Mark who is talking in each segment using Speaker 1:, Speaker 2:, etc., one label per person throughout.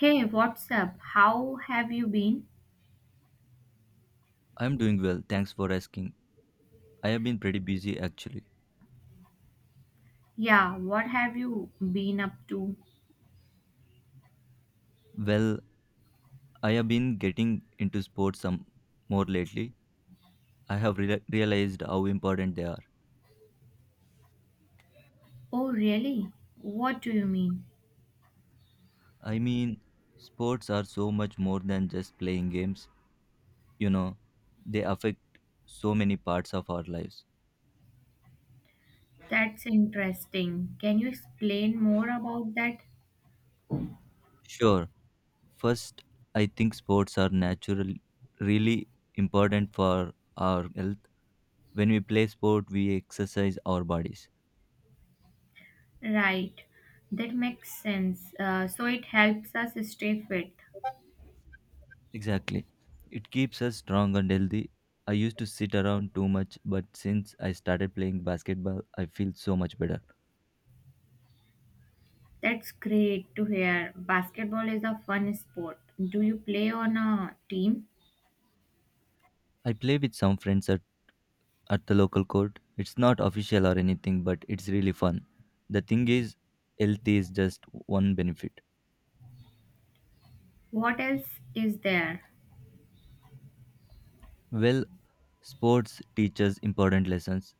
Speaker 1: Hey, what's up? How have you been?
Speaker 2: I'm doing well, thanks for asking. I have been pretty busy actually.
Speaker 1: Yeah, what have you been up to?
Speaker 2: Well, I have been getting into sports some more lately. I have realized how important they are.
Speaker 1: Oh, really? What do you mean?
Speaker 2: I mean, sports are so much more than just playing games, you know, they affect so many parts of our lives.
Speaker 1: That's interesting. Can you explain more about that?
Speaker 2: Sure, first, I think sports are natural, really important for our health. When we play sport, we exercise our bodies.
Speaker 1: Right, that makes sense. So it helps us stay fit.
Speaker 2: Exactly. It keeps us strong and healthy. I used to sit around too much, but since I started playing basketball, I feel so much better.
Speaker 1: That's great to hear. Basketball is a fun sport. Do you play on a team?
Speaker 2: I play with some friends at the local court. It's not official or anything, but it's really fun. The thing is, health is just one benefit.
Speaker 1: What else is there?
Speaker 2: Well, sports teaches important lessons.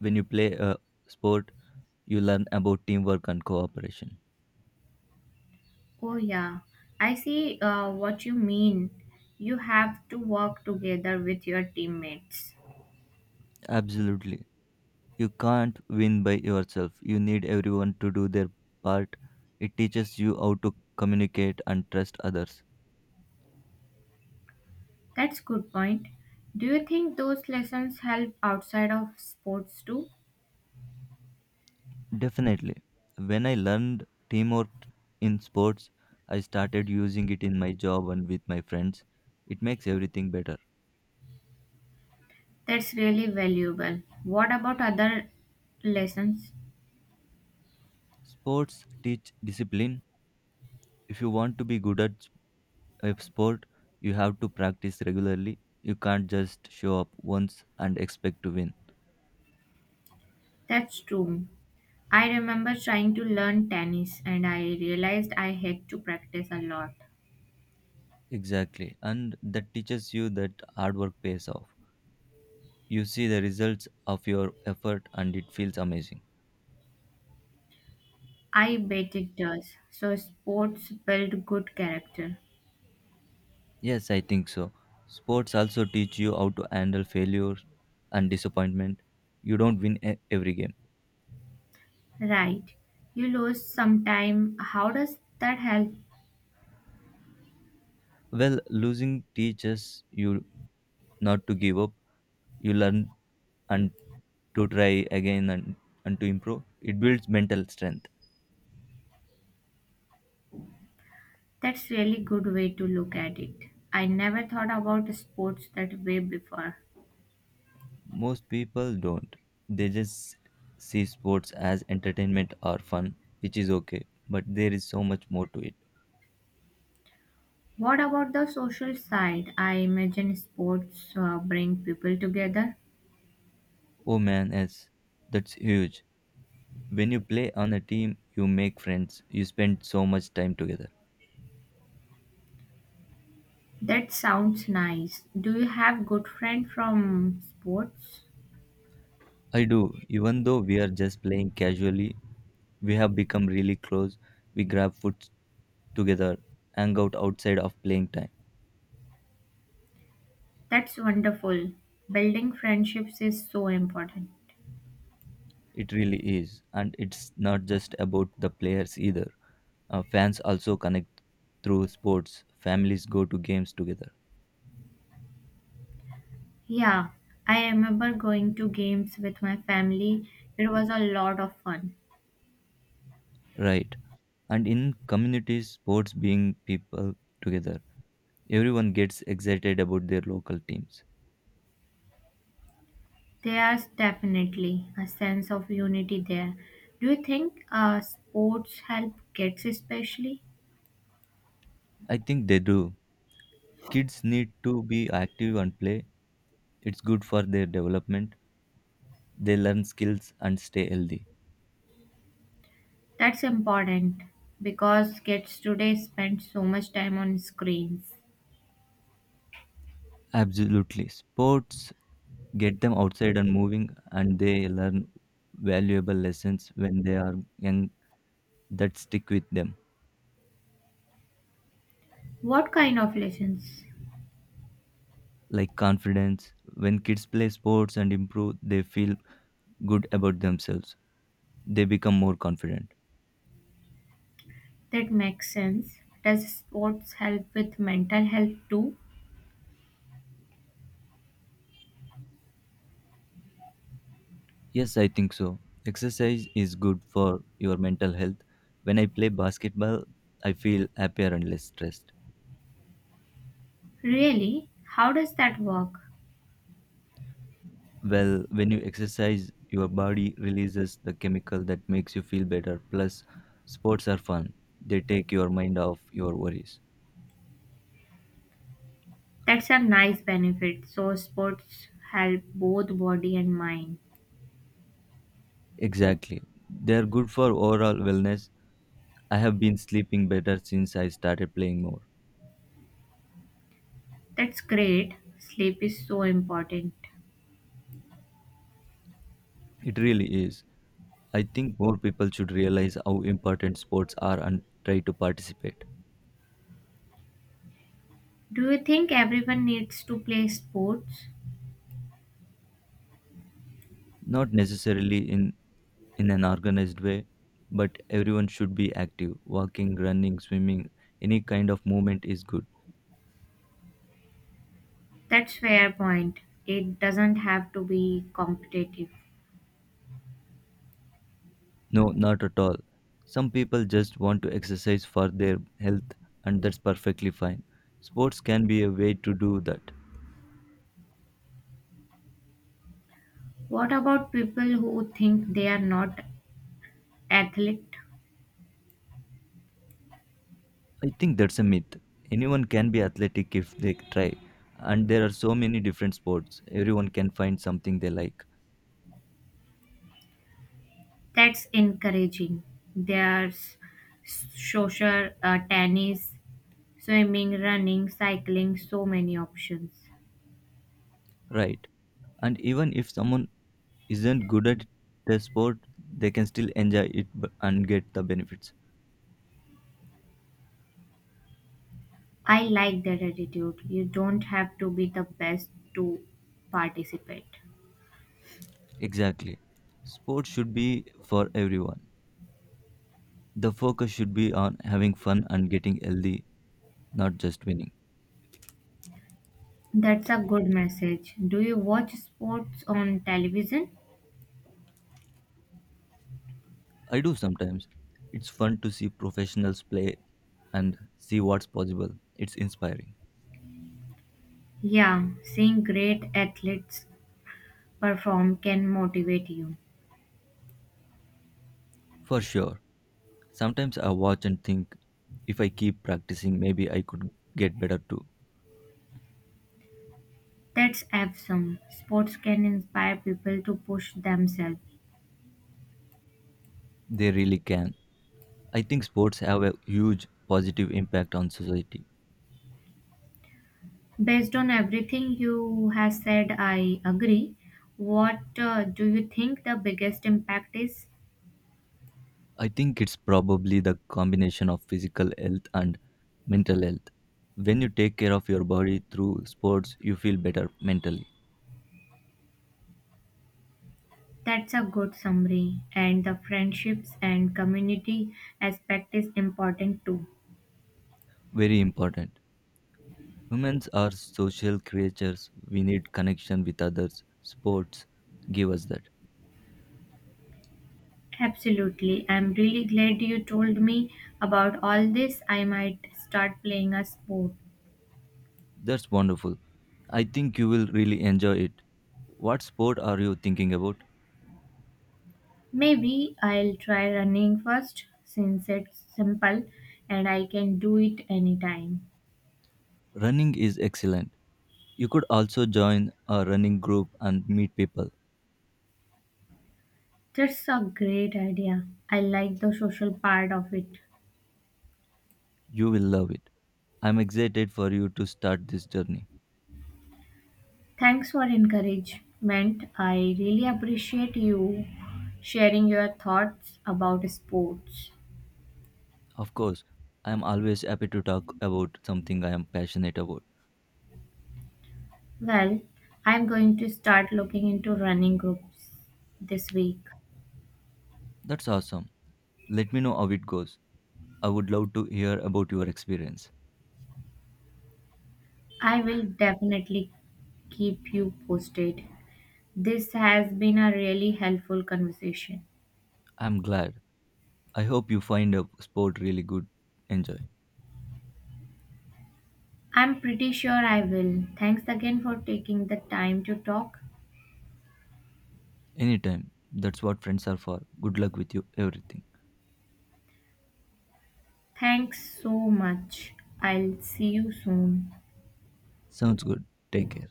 Speaker 2: When you play a sport, you learn about teamwork and cooperation.
Speaker 1: Oh, yeah. I see what you mean. You have to work together with your teammates.
Speaker 2: Absolutely. You can't win by yourself. You need everyone to do their part. It teaches you how to communicate and trust others.
Speaker 1: That's good point. Do you think those lessons help outside of sports too?
Speaker 2: Definitely. When I learned teamwork in sports, I started using it in my job and with my friends. It makes everything better.
Speaker 1: That's really valuable. What about other lessons?
Speaker 2: Sports teach discipline. If you want to be good at a sport, you have to practice regularly. You can't just show up once and expect to win.
Speaker 1: That's true. I remember trying to learn tennis and I realized I had to practice a lot.
Speaker 2: Exactly. And that teaches you that hard work pays off. You see the results of your effort and it feels amazing.
Speaker 1: I bet it does. So sports build good character.
Speaker 2: Yes, I think so. Sports also teach you how to handle failure and disappointment. You don't win every game.
Speaker 1: Right. You lose some time. How does that help?
Speaker 2: Well, losing teaches you not to give up. You learn and to try again and to improve. It builds mental strength.
Speaker 1: That's really good way to look at it. I never thought about sports that way before.
Speaker 2: Most people don't. They just see sports as entertainment or fun, which is okay, but there is so much more to it.
Speaker 1: What about the social side? I imagine sports bring people together.
Speaker 2: Oh man, yes, that's huge. When you play on a team, you make friends, you spend so much time together.
Speaker 1: That sounds nice. Do you have good friends from sports?
Speaker 2: I do, even though we are just playing casually, we have become really close. We grab food together, hang out outside of playing time.
Speaker 1: That's wonderful. Building friendships is so important.
Speaker 2: It really is, and it's not just about the players either. Fans also connect through sports, families go to games together,
Speaker 1: Yeah, I remember going to games with my family. It was a lot of fun.
Speaker 2: right? And in communities, sports being people together. Everyone gets excited about their local teams.
Speaker 1: There's definitely a sense of unity there. Do you think sports help kids especially?
Speaker 2: I think they do. Kids need to be active and play. It's good for their development. They learn skills and stay healthy.
Speaker 1: That's important because kids today spend so much time on screens.
Speaker 2: Absolutely. Sports get them outside and moving, and they learn valuable lessons when they are young that stick with them,
Speaker 1: What kind of lessons?
Speaker 2: like confidence. When kids play sports and improve, they feel good about themselves. They become more confident.
Speaker 1: That makes sense. Does sports help with mental health too?
Speaker 2: Yes, I think so. Exercise is good for your mental health. When I play basketball, I feel happier and less stressed.
Speaker 1: Really? How does that work?
Speaker 2: Well, when you exercise, your body releases the chemical that makes you feel better. Plus, sports are fun, they take your mind off your worries.
Speaker 1: That's a nice benefit. So, sports help both body and mind.
Speaker 2: Exactly. They are good for overall wellness. I have been sleeping better since I started playing more.
Speaker 1: That's great. Sleep is so important.
Speaker 2: It really is. I think more people should realize how important sports are and try to participate.
Speaker 1: Do you think everyone needs to play sports?
Speaker 2: Not necessarily in an organized way, but everyone should be active, walking, running, swimming, any kind of movement is good.
Speaker 1: That's fair point. It doesn't have to be competitive.
Speaker 2: No, not at all. Some people just want to exercise for their health, and that's perfectly fine. Sports can be a way to do that.
Speaker 1: What about people who think they are not athlete?
Speaker 2: I think that's a myth. Anyone can be athletic if they try, and there are so many different sports, everyone can find something they like.
Speaker 1: That's encouraging. There's social tennis, swimming, running, cycling, so many options.
Speaker 2: Right. And even if someone isn't good at the sport, they can still enjoy it and get the benefits.
Speaker 1: I like that attitude. You don't have to be the best to participate.
Speaker 2: Exactly. Sport should be for everyone. The focus should be on having fun and getting healthy, not just winning.
Speaker 1: That's a good message. Do you watch sports on television?
Speaker 2: I do sometimes. It's fun to see professionals play and see what's possible. It's inspiring.
Speaker 1: Yeah, seeing great athletes perform can motivate you.
Speaker 2: For sure. Sometimes I watch and think if I keep practicing, maybe I could get better too.
Speaker 1: That's awesome. Sports can inspire people to push themselves.
Speaker 2: They really can. I think sports have a huge positive impact on society.
Speaker 1: Based on everything you have said, I agree. What do you think the biggest impact is?
Speaker 2: I think it's probably the combination of physical health and mental health. When you take care of your body through sports, you feel better mentally.
Speaker 1: That's a good summary. And the friendships and community aspect is important too.
Speaker 2: Very important. Humans are social creatures. We need connection with others. Sports give us that.
Speaker 1: Absolutely. I'm really glad you told me about all this. I might start playing a sport.
Speaker 2: That's wonderful. I think you will really enjoy it. What sport are you thinking about?
Speaker 1: Maybe I'll try running first since it's simple and I can do it anytime.
Speaker 2: Running is excellent. You could also join a running group and meet people.
Speaker 1: That's a great idea. I like the social part of it.
Speaker 2: You will love it. I'm excited for you to start this journey.
Speaker 1: Thanks for encouragement. I really appreciate you sharing your thoughts about sports.
Speaker 2: Of course, I'm always happy to talk about something I am passionate about.
Speaker 1: Well, I'm going to start looking into running groups this week.
Speaker 2: That's awesome. Let me know how it goes. I would love to hear about your experience.
Speaker 1: I will definitely keep you posted. This has been a really helpful conversation.
Speaker 2: I'm glad. I hope you find a sport really good. Enjoy.
Speaker 1: I'm pretty sure I will. Thanks again for taking the time to talk.
Speaker 2: Anytime. That's what friends are for. Good luck with you, everything.
Speaker 1: Thanks so much. I'll see you soon.
Speaker 2: Sounds good. Take care.